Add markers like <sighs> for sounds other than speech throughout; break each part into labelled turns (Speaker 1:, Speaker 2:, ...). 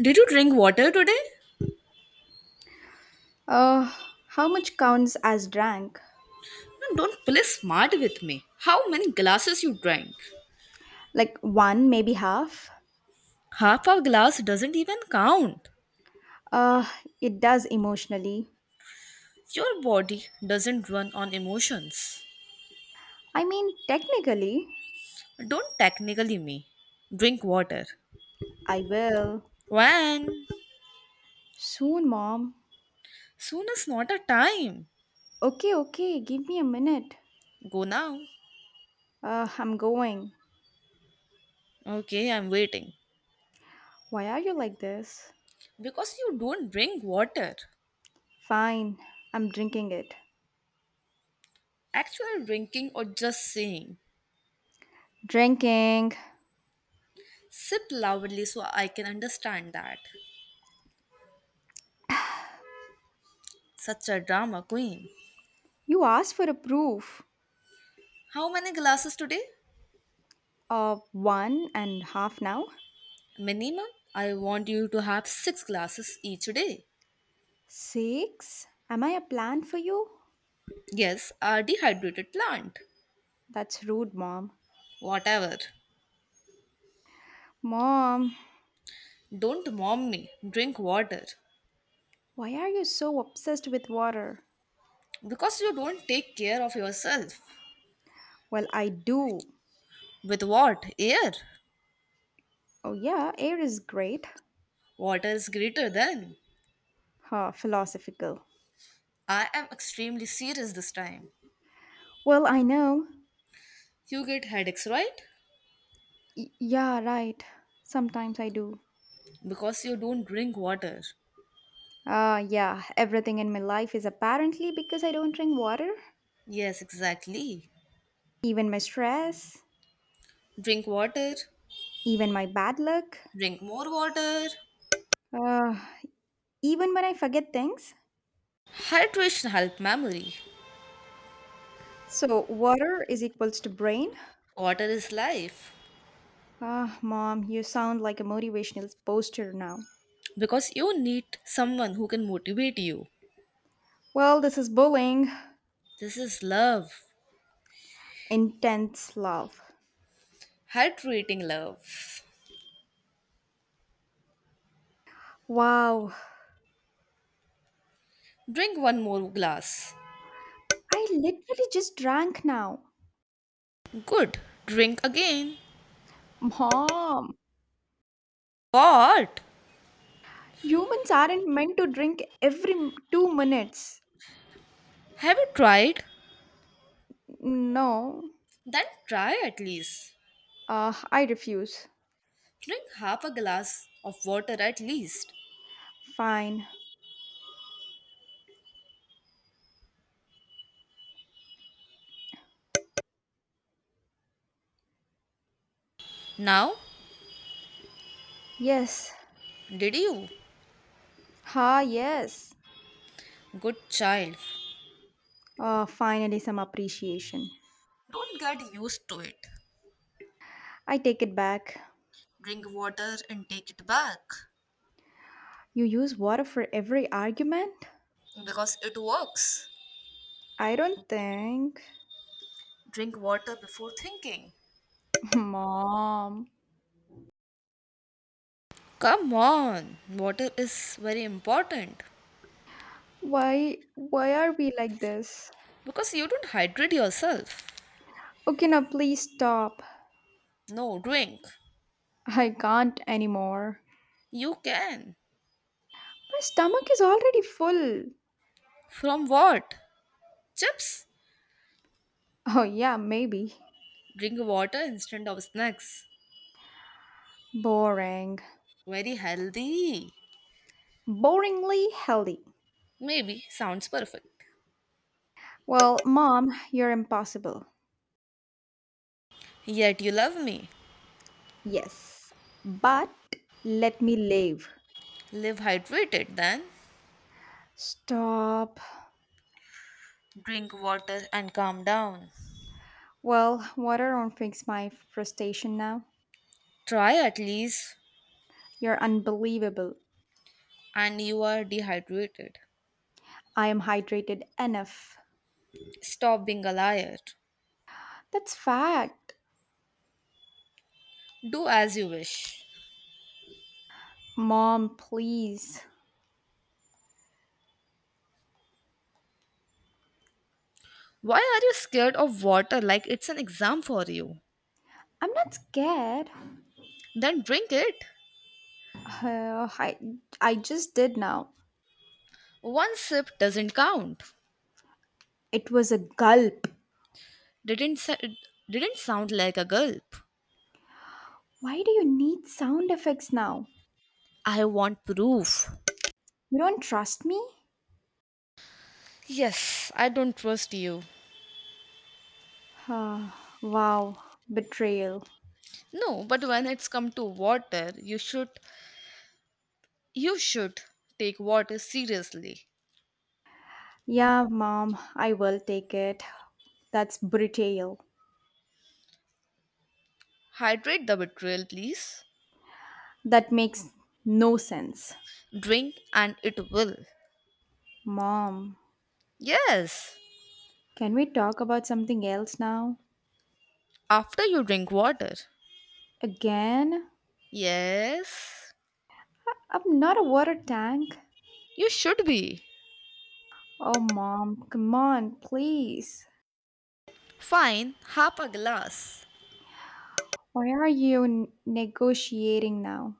Speaker 1: Did you drink water today?
Speaker 2: Uh, how much counts as drank?
Speaker 1: No, don't play smart with me. How many glasses you drank?
Speaker 2: Like one, maybe half?
Speaker 1: Half a glass doesn't even count.
Speaker 2: Uh, it does emotionally.
Speaker 1: Your body doesn't run on emotions.
Speaker 2: I mean, technically,
Speaker 1: Don't technically me. Drink water.
Speaker 2: I will.
Speaker 1: When?
Speaker 2: Soon, mom.
Speaker 1: Soon is not a time.
Speaker 2: Okay, okay, give me a minute.
Speaker 1: Go now.
Speaker 2: I'm going.
Speaker 1: Okay, I'm waiting.
Speaker 2: Why are you like this?
Speaker 1: Because you don't drink water.
Speaker 2: Fine, I'm drinking it.
Speaker 1: Actual drinking or just saying.
Speaker 2: Drinking.
Speaker 1: Sip loudly so I can understand that. Such a drama queen.
Speaker 2: You asked for a proof.
Speaker 1: How many glasses today?
Speaker 2: Of one and half now?
Speaker 1: Minimum, I want you to have six glasses each day.
Speaker 2: Six? Am I a plan for you?
Speaker 1: Yes, a dehydrated plant.
Speaker 2: That's rude, mom.
Speaker 1: Whatever.
Speaker 2: Mom.
Speaker 1: Don't mom me. Drink water.
Speaker 2: Why are you so obsessed with water?
Speaker 1: Because you don't take care of yourself.
Speaker 2: Well, I do.
Speaker 1: With what? Air.
Speaker 2: Oh, yeah, air is great.
Speaker 1: Water is greater than.
Speaker 2: Huh, philosophical.
Speaker 1: I am extremely serious this time.
Speaker 2: Well, I know.
Speaker 1: You get headaches, right?
Speaker 2: Yeah, right. Sometimes I do.
Speaker 1: Because you don't drink water.
Speaker 2: Ah, yeah, everything in my life is apparently because I don't drink water.
Speaker 1: Yes, exactly.
Speaker 2: Even my stress,
Speaker 1: Drink water.
Speaker 2: even my bad luck,
Speaker 1: Drink more water.
Speaker 2: uh, even when I forget things.
Speaker 1: Hydration help memory.
Speaker 2: So, water is equals to brain.
Speaker 1: Water is life.
Speaker 2: Ah, mom, you sound like a motivational poster now.
Speaker 1: Because you need someone who can motivate you.
Speaker 2: Well, this is bullying.
Speaker 1: This is love,
Speaker 2: Intense love.
Speaker 1: hydrating love.
Speaker 2: Wow,
Speaker 1: Drink one more glass.
Speaker 2: I literally just drank now.
Speaker 1: Good, drink again.
Speaker 2: Mom,
Speaker 1: What?
Speaker 2: humans aren't meant to drink every 2 minutes.
Speaker 1: Have you tried?
Speaker 2: No,
Speaker 1: Then try at least.
Speaker 2: I refuse.
Speaker 1: Drink half a glass of water at least.
Speaker 2: Fine.
Speaker 1: Now,
Speaker 2: Yes.
Speaker 1: did you?
Speaker 2: Ha, yes.
Speaker 1: Good child.
Speaker 2: Finally, some appreciation.
Speaker 1: Don't get used to it.
Speaker 2: I take it back.
Speaker 1: Drink water and take it back
Speaker 2: You use water for every argument?
Speaker 1: because it works.
Speaker 2: I don't think.
Speaker 1: Drink water before thinking.
Speaker 2: <laughs> Mom,
Speaker 1: Come on, water is very important
Speaker 2: why are we like this?
Speaker 1: because you don't hydrate yourself.
Speaker 2: Okay, now please stop.
Speaker 1: No, drink.
Speaker 2: I can't anymore.
Speaker 1: You can.
Speaker 2: My stomach is already full.
Speaker 1: From what? Chips?
Speaker 2: Oh, yeah, maybe.
Speaker 1: Drink water instead of snacks.
Speaker 2: Boring.
Speaker 1: Very healthy.
Speaker 2: Boringly healthy.
Speaker 1: Maybe sounds perfect.
Speaker 2: Well, mom, you're impossible.
Speaker 1: Yet you love me.
Speaker 2: Yes, but let me live.
Speaker 1: Live hydrated then.
Speaker 2: Stop.
Speaker 1: Drink water and calm down.
Speaker 2: Well, water won't fix my frustration now.
Speaker 1: Try at least,
Speaker 2: You're unbelievable.
Speaker 1: and you are dehydrated.
Speaker 2: I am hydrated enough.
Speaker 1: Stop being a liar.
Speaker 2: That's fact.
Speaker 1: Do as you wish.
Speaker 2: Mom, please.
Speaker 1: Why are you scared of water like it's an exam for you?
Speaker 2: I'm not scared. <sighs>
Speaker 1: Then drink it.
Speaker 2: Uh, I, I just did now.
Speaker 1: One sip doesn't count.
Speaker 2: It was a gulp.
Speaker 1: Didn't sa- didn't sound like a gulp.
Speaker 2: Why do you need sound effects now?
Speaker 1: I want proof.
Speaker 2: You don't trust me?
Speaker 1: Yes, I don't trust you.
Speaker 2: Ah, wow, betrayal.
Speaker 1: No, but when it's come to water, you should take water seriously.
Speaker 2: Yeah, mom, I will take it. That's betrayal.
Speaker 1: Hydrate the betrayal, please.
Speaker 2: That makes no sense.
Speaker 1: Drink and it will.
Speaker 2: Mom,
Speaker 1: Yes.
Speaker 2: can we talk about something else now?
Speaker 1: After you drink water.
Speaker 2: Again?
Speaker 1: Yes.
Speaker 2: I'm not a water tank.
Speaker 1: You should be.
Speaker 2: Oh, mom, come on, please.
Speaker 1: Fine, half a glass.
Speaker 2: Why are you negotiating now?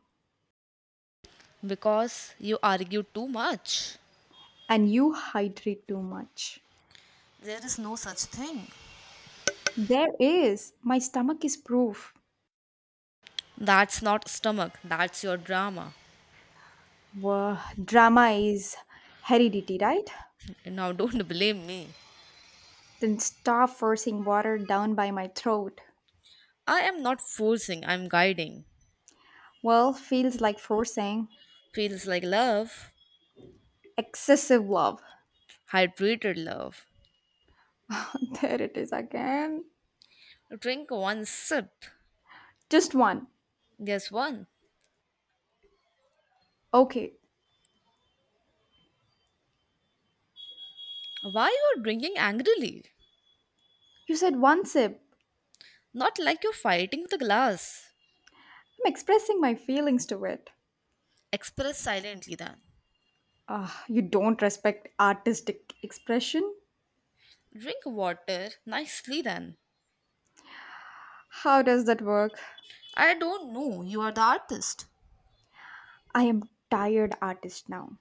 Speaker 1: Because you argued too much.
Speaker 2: And you hydrate too much.
Speaker 1: There is no such thing.
Speaker 2: There is. My stomach is proof.
Speaker 1: That's not stomach, that's your drama.
Speaker 2: Wha drama is heredity, right?
Speaker 1: Now don't <laughs> blame me.
Speaker 2: Then stop forcing water down by my throat.
Speaker 1: I am not forcing, I'm guiding.
Speaker 2: Well, feels like forcing
Speaker 1: Feels like love,
Speaker 2: excessive love.
Speaker 1: hydrated love.
Speaker 2: <laughs> There it is again.
Speaker 1: Drink one sip.
Speaker 2: Just one.
Speaker 1: Yes, one.
Speaker 2: Okay,
Speaker 1: Why you are drinking angrily?
Speaker 2: you said one sip.
Speaker 1: Not like you're fighting with the glass.
Speaker 2: I'm expressing my feelings to it.
Speaker 1: Express silently then.
Speaker 2: Ah, you don't respect artistic expression?
Speaker 1: Drink water nicely then.
Speaker 2: How does that work?
Speaker 1: I don't know, you are the artist.
Speaker 2: I am tired artist now.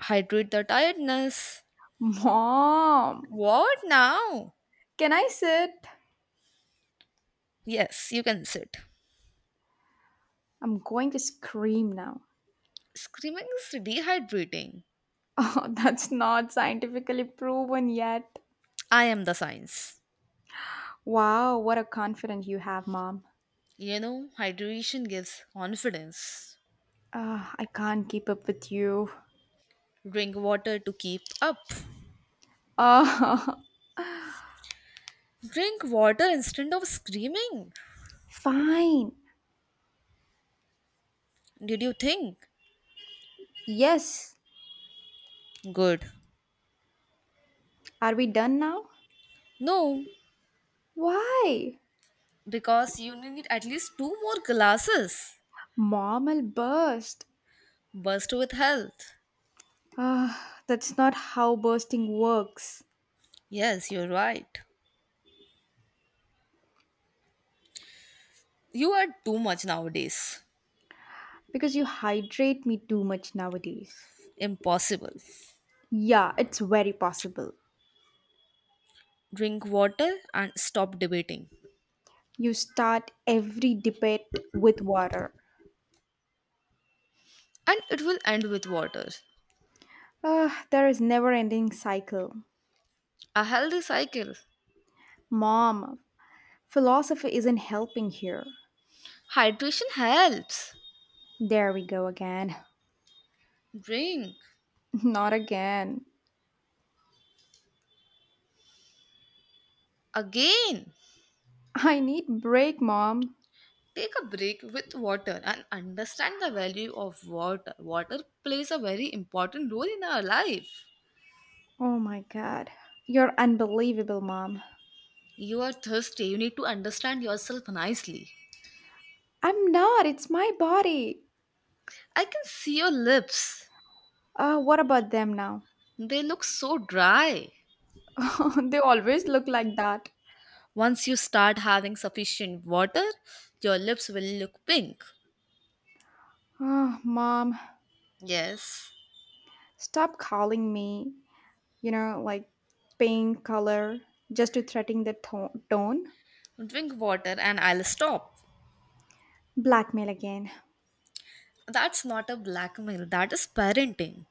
Speaker 1: Hydrate the tiredness.
Speaker 2: <laughs> Mom,
Speaker 1: What now?
Speaker 2: can I sit?
Speaker 1: Yes, you can sit.
Speaker 2: I'm going to scream now.
Speaker 1: Screaming is dehydrating.
Speaker 2: <laughs> Oh, that's not scientifically proven yet.
Speaker 1: I am the science.
Speaker 2: Wow, what a confidence you have, mom.
Speaker 1: You know, hydration gives confidence.
Speaker 2: Ah, I can't keep up with you.
Speaker 1: Drink water to keep up.
Speaker 2: Ah,
Speaker 1: Drink water instead of screaming.
Speaker 2: <laughs> fine.
Speaker 1: Did you think?
Speaker 2: Yes.
Speaker 1: Good.
Speaker 2: Are we done now?
Speaker 1: No,
Speaker 2: Why?
Speaker 1: because you need at least two more glasses.
Speaker 2: Mom will burst.
Speaker 1: Burst with health.
Speaker 2: Ah, that's not how bursting works.
Speaker 1: Yes, you're right. You are too much nowadays.
Speaker 2: Because you hydrate me too much nowadays.
Speaker 1: Impossible.
Speaker 2: Yeah, it's very possible.
Speaker 1: Drink water and stop debating.
Speaker 2: You start every debate with water.
Speaker 1: And it will end with water.
Speaker 2: Ah, there is never ending cycle.
Speaker 1: A healthy cycle.
Speaker 2: Mom, philosophy isn't helping here.
Speaker 1: Hydration helps.
Speaker 2: There we go again.
Speaker 1: Drink.
Speaker 2: <laughs> Not again.
Speaker 1: Again.
Speaker 2: I need break, mom.
Speaker 1: Take a break with water and understand the value of water. Water plays a very important role in our life.
Speaker 2: Oh my god. You're unbelievable, mom.
Speaker 1: You are thirsty. You need to understand yourself nicely.
Speaker 2: I'm not. It's my body.
Speaker 1: I can see your lips.
Speaker 2: What about them now?
Speaker 1: They look so dry.
Speaker 2: <laughs> They always look like that.
Speaker 1: Once you start having sufficient water, your lips will look pink.
Speaker 2: Ah, mom,
Speaker 1: Yes.
Speaker 2: stop calling me, like pink color just to threaten the tone.
Speaker 1: Drink water and I'll stop.
Speaker 2: Blackmail again.
Speaker 1: That's not a blackmail, that is parenting.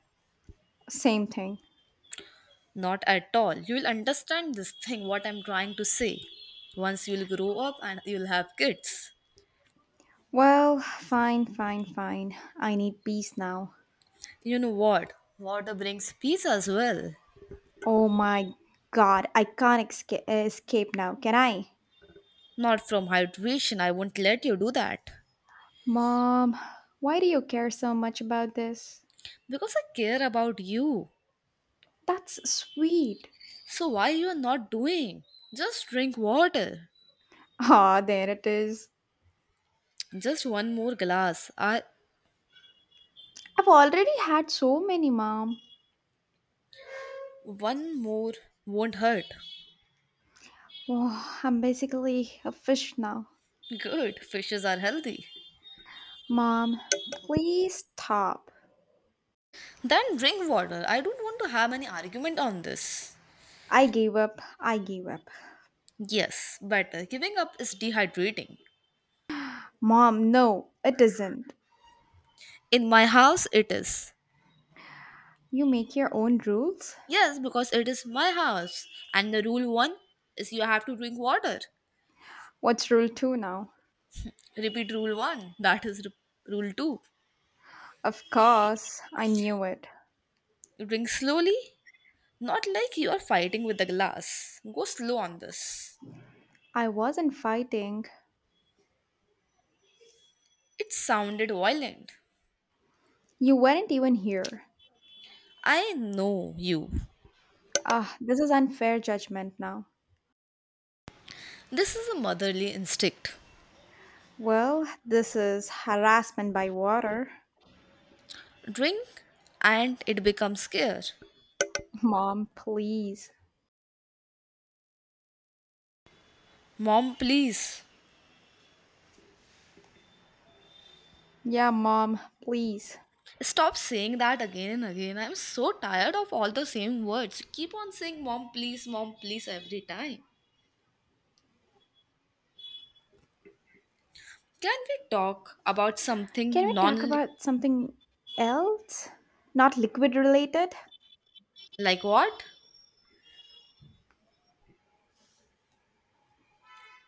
Speaker 2: Same thing.
Speaker 1: Not at all. You'll understand this thing, what I'm trying to say. Once you'll grow up and you'll have kids.
Speaker 2: Well, fine. I need peace now.
Speaker 1: You know what? Water brings peace as well.
Speaker 2: Oh my god, I can't escape now, can I?
Speaker 1: Not from hydration, I won't let you do that.
Speaker 2: Mom, why do you care so much about this?
Speaker 1: Because I care about you.
Speaker 2: That's sweet.
Speaker 1: So why you are not doing? Just drink water.
Speaker 2: Ah, there it is.
Speaker 1: Just one more glass. I
Speaker 2: I've already had so many, mom.
Speaker 1: One more won't hurt.
Speaker 2: Oh, I'm basically a fish now.
Speaker 1: Good. Fishes are healthy.
Speaker 2: Mom, please stop.
Speaker 1: Then drink water. I don't want to have any argument on this.
Speaker 2: I gave up.
Speaker 1: Yes, better. Giving up is dehydrating.
Speaker 2: Mom, no, it isn't.
Speaker 1: In my house, it is.
Speaker 2: You make your own rules?
Speaker 1: Yes, because it is my house. And the rule one is you have to drink water.
Speaker 2: What's rule two now?
Speaker 1: Repeat rule one. That is rule two.
Speaker 2: Of course, I knew it.
Speaker 1: Drink slowly. Not like you are fighting with the glass. Go slow on this.
Speaker 2: I wasn't fighting.
Speaker 1: It sounded violent.
Speaker 2: You weren't even here.
Speaker 1: I know you.
Speaker 2: Ah, this is unfair judgment now.
Speaker 1: This is a motherly instinct.
Speaker 2: Well, this is harassment by water.
Speaker 1: Drink and it becomes care.
Speaker 2: <laughs> Mom, please.
Speaker 1: Mom, please.
Speaker 2: Yeah, mom, please.
Speaker 1: Stop saying that again and again. I'm so tired of all the same words. You keep on saying mom, please every time. Can we talk about something
Speaker 2: Can we talk
Speaker 1: non?
Speaker 2: about something else? Not liquid related?
Speaker 1: Like what?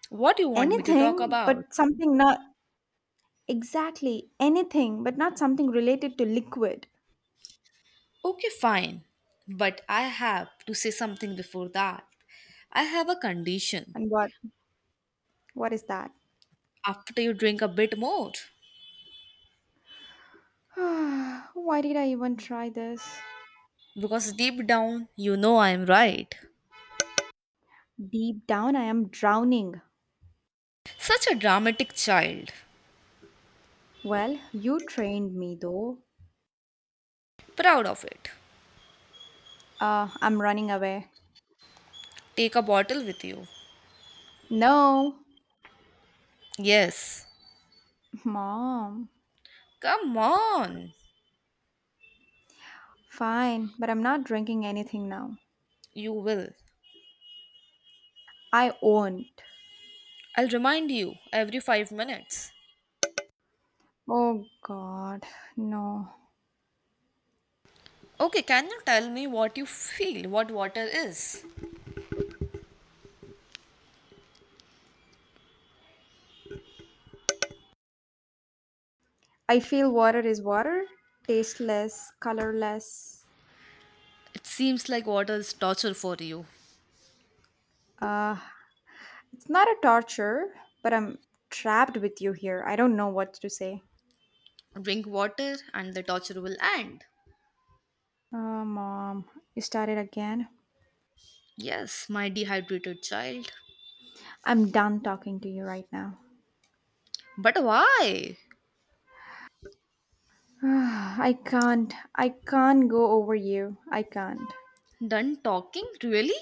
Speaker 1: What do you want me to talk
Speaker 2: Anything,
Speaker 1: about?
Speaker 2: but something not exactly anything, but not something related to liquid.
Speaker 1: Okay, fine. But I have to say something before that. I have a condition.
Speaker 2: And what? What is that?
Speaker 1: After you drink a bit more.
Speaker 2: <sighs> Why did I even try this?
Speaker 1: Because deep down, you know I am right.
Speaker 2: Deep down, I am drowning.
Speaker 1: Such a dramatic child.
Speaker 2: Well, you trained me though.
Speaker 1: Proud of it.
Speaker 2: I'm running away.
Speaker 1: Take a bottle with you.
Speaker 2: No,
Speaker 1: Yes.
Speaker 2: mom.
Speaker 1: Come on.
Speaker 2: Fine, but I'm not drinking anything now.
Speaker 1: You will.
Speaker 2: I won't.
Speaker 1: I'll remind you every 5 minutes.
Speaker 2: Oh god, no.
Speaker 1: Okay, can you tell me what you feel what water is?
Speaker 2: I feel water is water, tasteless, colorless.
Speaker 1: It seems like water is torture for you.
Speaker 2: Uh, it's not a torture, but I'm trapped with you here. I don't know what to say.
Speaker 1: Drink water and the torture will end.
Speaker 2: Oh, mom, you started again.
Speaker 1: Yes, my dehydrated child.
Speaker 2: I'm done talking to you right now.
Speaker 1: But why?
Speaker 2: <sighs> I can't go over you. I can't.
Speaker 1: Done talking? Really?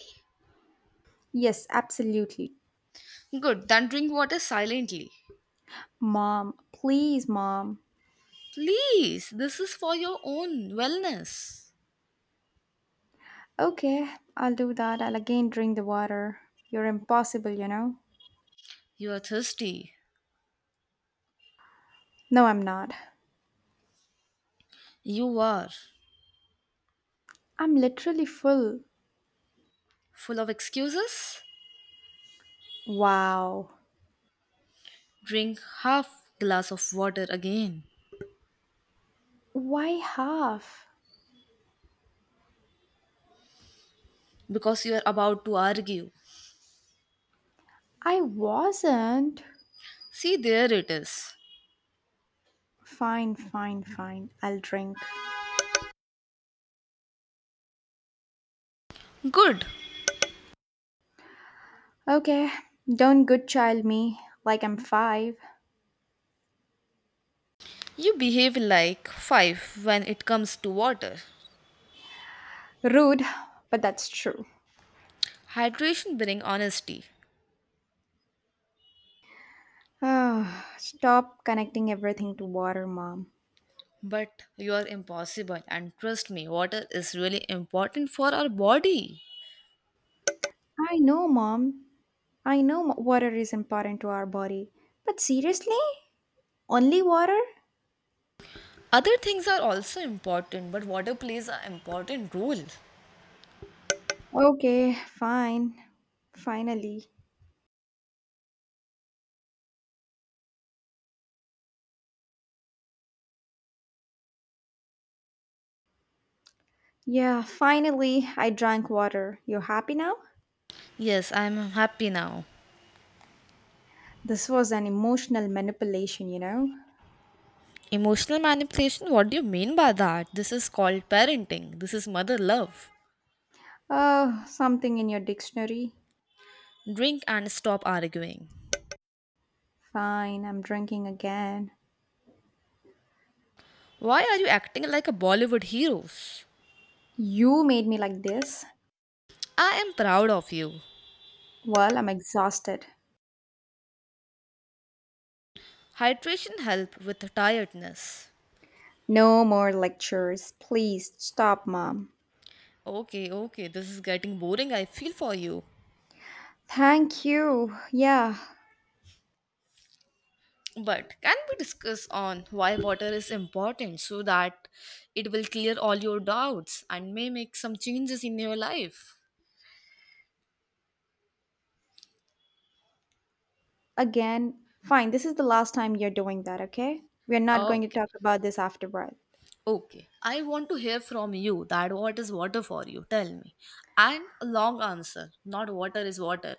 Speaker 2: Yes, absolutely.
Speaker 1: Good, then drink water silently.
Speaker 2: Mom, please, mom.
Speaker 1: Please, this is for your own wellness.
Speaker 2: Okay, I'll do that. I'll again drink the water. You're impossible, you know?
Speaker 1: You are thirsty.
Speaker 2: No, I'm not.
Speaker 1: You are
Speaker 2: I'm literally full.
Speaker 1: full of excuses.
Speaker 2: Wow.
Speaker 1: Drink half glass of water again
Speaker 2: Why half?
Speaker 1: because you are about to argue.
Speaker 2: I wasn't.
Speaker 1: See there it is.
Speaker 2: Fine. I'll drink.
Speaker 1: Good.
Speaker 2: Okay, don't good child me like I'm five.
Speaker 1: You behave like 5 when it comes to water.
Speaker 2: Rude, but that's true.
Speaker 1: Hydration bring honesty,
Speaker 2: <sighs> Ah, stop connecting everything to water, mom.
Speaker 1: but you are impossible and trust me water is really important for our body.
Speaker 2: I know, mom. I know water is important to our body. But seriously? Only water?
Speaker 1: Other things are also important but water plays an important role.
Speaker 2: Okay, fine. Finally. Yeah, finally, I drank water. You happy now?
Speaker 1: Yes, I am happy now.
Speaker 2: This was an emotional manipulation, you know?
Speaker 1: Emotional manipulation, what do you mean by that? This is called parenting, this is mother love.
Speaker 2: Oh, something in your dictionary.
Speaker 1: Drink and stop arguing.
Speaker 2: Fine, I'm drinking again.
Speaker 1: Why are you acting like a Bollywood heroes?
Speaker 2: You made me like this.
Speaker 1: I am proud of you.
Speaker 2: Well, I'm exhausted.
Speaker 1: Hydration help with tiredness.
Speaker 2: No more lectures. Please stop, mom.
Speaker 1: Okay, okay, this is getting boring. I feel for you.
Speaker 2: Thank you. Yeah,
Speaker 1: But can we discuss on why water is important so that it will clear all your doubts and may make some changes in your life?
Speaker 2: again. Fine, this is the last time you're doing that, okay? We're not going to
Speaker 1: Okay.
Speaker 2: talk about this afterward.
Speaker 1: Okay. I want to hear from you that what is water for you? Tell me. And a long answer, not water is water.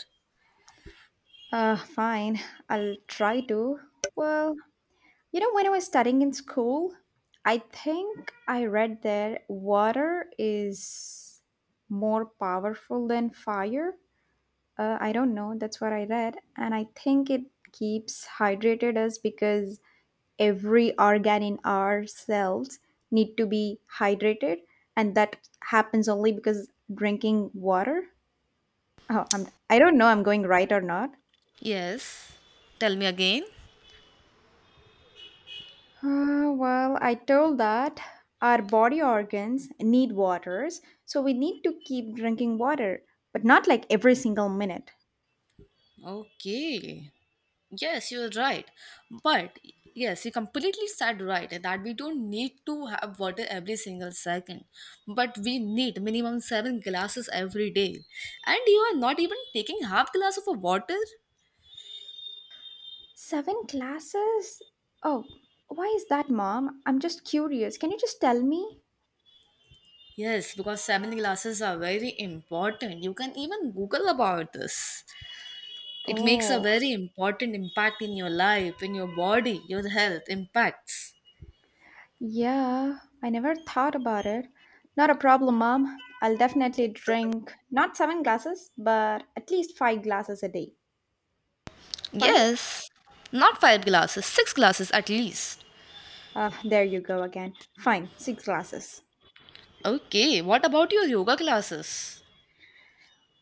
Speaker 2: Fine. I'll try to. Well, you know, when I was studying in school, I think I read that water is more powerful than fire. I don't know. That's what I read. And I think it keeps hydrated us because every organ in our cells need to be hydrated and that happens only because drinking water oh, I don't know I'm going right or not.
Speaker 1: Yes, tell me again.
Speaker 2: Well I told that our body organs need waters so we need to keep drinking water but not like every single minute.
Speaker 1: Okay. Yes, you're right. But yes, you completely said right that we don't need to have water every single second, but we need minimum seven glasses every day. And you are not even taking half glass of a water?
Speaker 2: Seven glasses, oh, why is that mom I'm just curious can you just tell me.
Speaker 1: Yes, because seven glasses are very important. You can even Google about this. It makes a
Speaker 2: Oh,
Speaker 1: very important impact in your life, in your body, your health impacts.
Speaker 2: yeah, I never thought about it. Not a problem, mom. I'll definitely drink not seven glasses, but at least five glasses a day. Fine?
Speaker 1: Yes, not five glasses, six glasses at least.
Speaker 2: Ah, there you go again. Fine, six glasses.
Speaker 1: Okay, what about your yoga classes?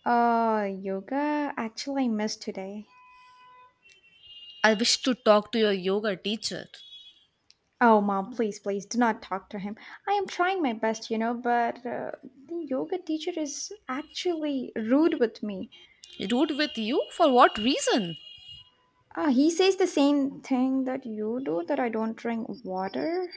Speaker 2: Yoga? Actually, I missed today.
Speaker 1: I wish to talk to your yoga teacher.
Speaker 2: Oh, mom, please, please do not talk to him. I am trying my best, you know, but the yoga teacher is actually rude with me.
Speaker 1: Rude with you? For what reason?
Speaker 2: Ah, he says the same thing that you do that I don't drink water.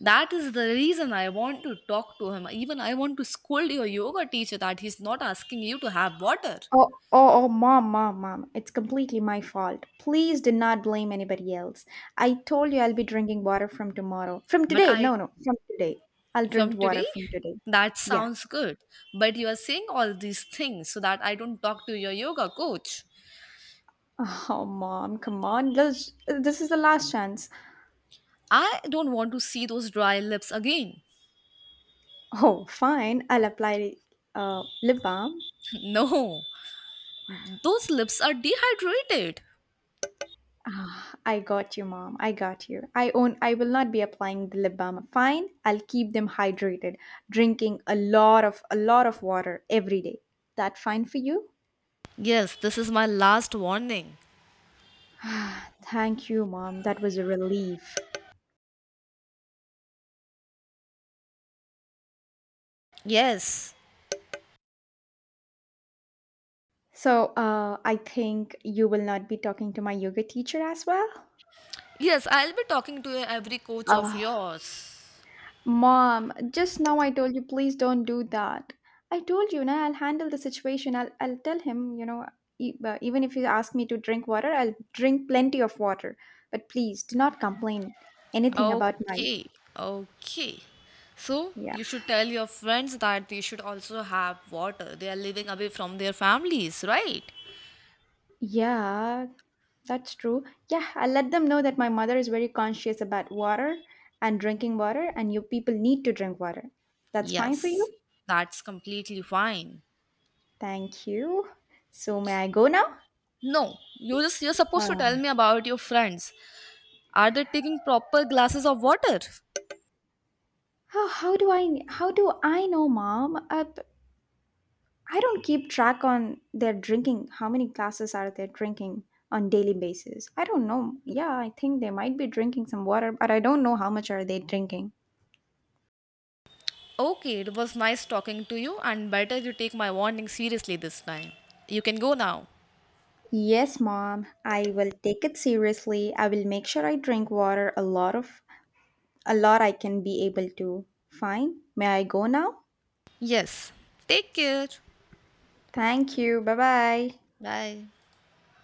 Speaker 1: That is the reason I want to talk to him. Even I want to scold your yoga teacher that he's not asking you to have water.
Speaker 2: Oh, mom. It's completely my fault. Please do not blame anybody else. I told you I'll be drinking water from tomorrow. From
Speaker 1: But
Speaker 2: today.
Speaker 1: I,
Speaker 2: No, no, from today. I'll drink
Speaker 1: from
Speaker 2: water
Speaker 1: today,
Speaker 2: from today.
Speaker 1: that
Speaker 2: Yeah.
Speaker 1: sounds good. But you are saying all these things so that I don't talk to your yoga coach.
Speaker 2: <laughs> Oh, mom, come on. This is the last chance.
Speaker 1: I don't want to see those dry lips again.
Speaker 2: Oh, fine. I'll apply lip balm.
Speaker 1: <laughs> No. Those lips are dehydrated.
Speaker 2: Ah, I got you, mom. I got you. I own. I will not be applying the lip balm. Fine. I'll keep them hydrated, drinking a lot of water every day. That fine for you?
Speaker 1: Yes, this is my last warning.
Speaker 2: Thank you, mom. That was a relief.
Speaker 1: Yes.
Speaker 2: So, I think you will not be talking to my yoga teacher as well.
Speaker 1: Yes, I'll be talking to every coach of
Speaker 2: Ah,
Speaker 1: yours.
Speaker 2: mom, just now I told you, please don't do that. I told you, now I'll handle the situation. I'll tell him, you know, even if you ask me to drink water, I'll drink plenty of water. But please do not complain anything about my.
Speaker 1: Okay, okay. So,
Speaker 2: Yeah.
Speaker 1: you should tell your friends that they should also have water. They are living away from their families, right?
Speaker 2: Yeah, that's true. Yeah, I let them know that my mother is very conscious about water and drinking water, and you people need to drink water. That's fine for
Speaker 1: Yes.
Speaker 2: you.
Speaker 1: That's completely fine.
Speaker 2: Thank you. So may I go now?
Speaker 1: No, you're supposed to
Speaker 2: Um,
Speaker 1: tell me about your friends. Are they taking proper glasses of water?
Speaker 2: how do I know, mom? I don't keep track on their drinking. How many glasses are they drinking on daily basis? I don't know. Yeah, I think they might be drinking some water, but I don't know how much are they drinking.
Speaker 1: Okay, it was nice talking to you, and better you take my warning seriously this time. You can go now.
Speaker 2: Yes, mom. I will take it seriously. I will make sure I drink water a lot I can be able to. Fine. May I go now?
Speaker 1: Yes. Take care.
Speaker 2: Thank you. Bye-bye.
Speaker 1: Bye.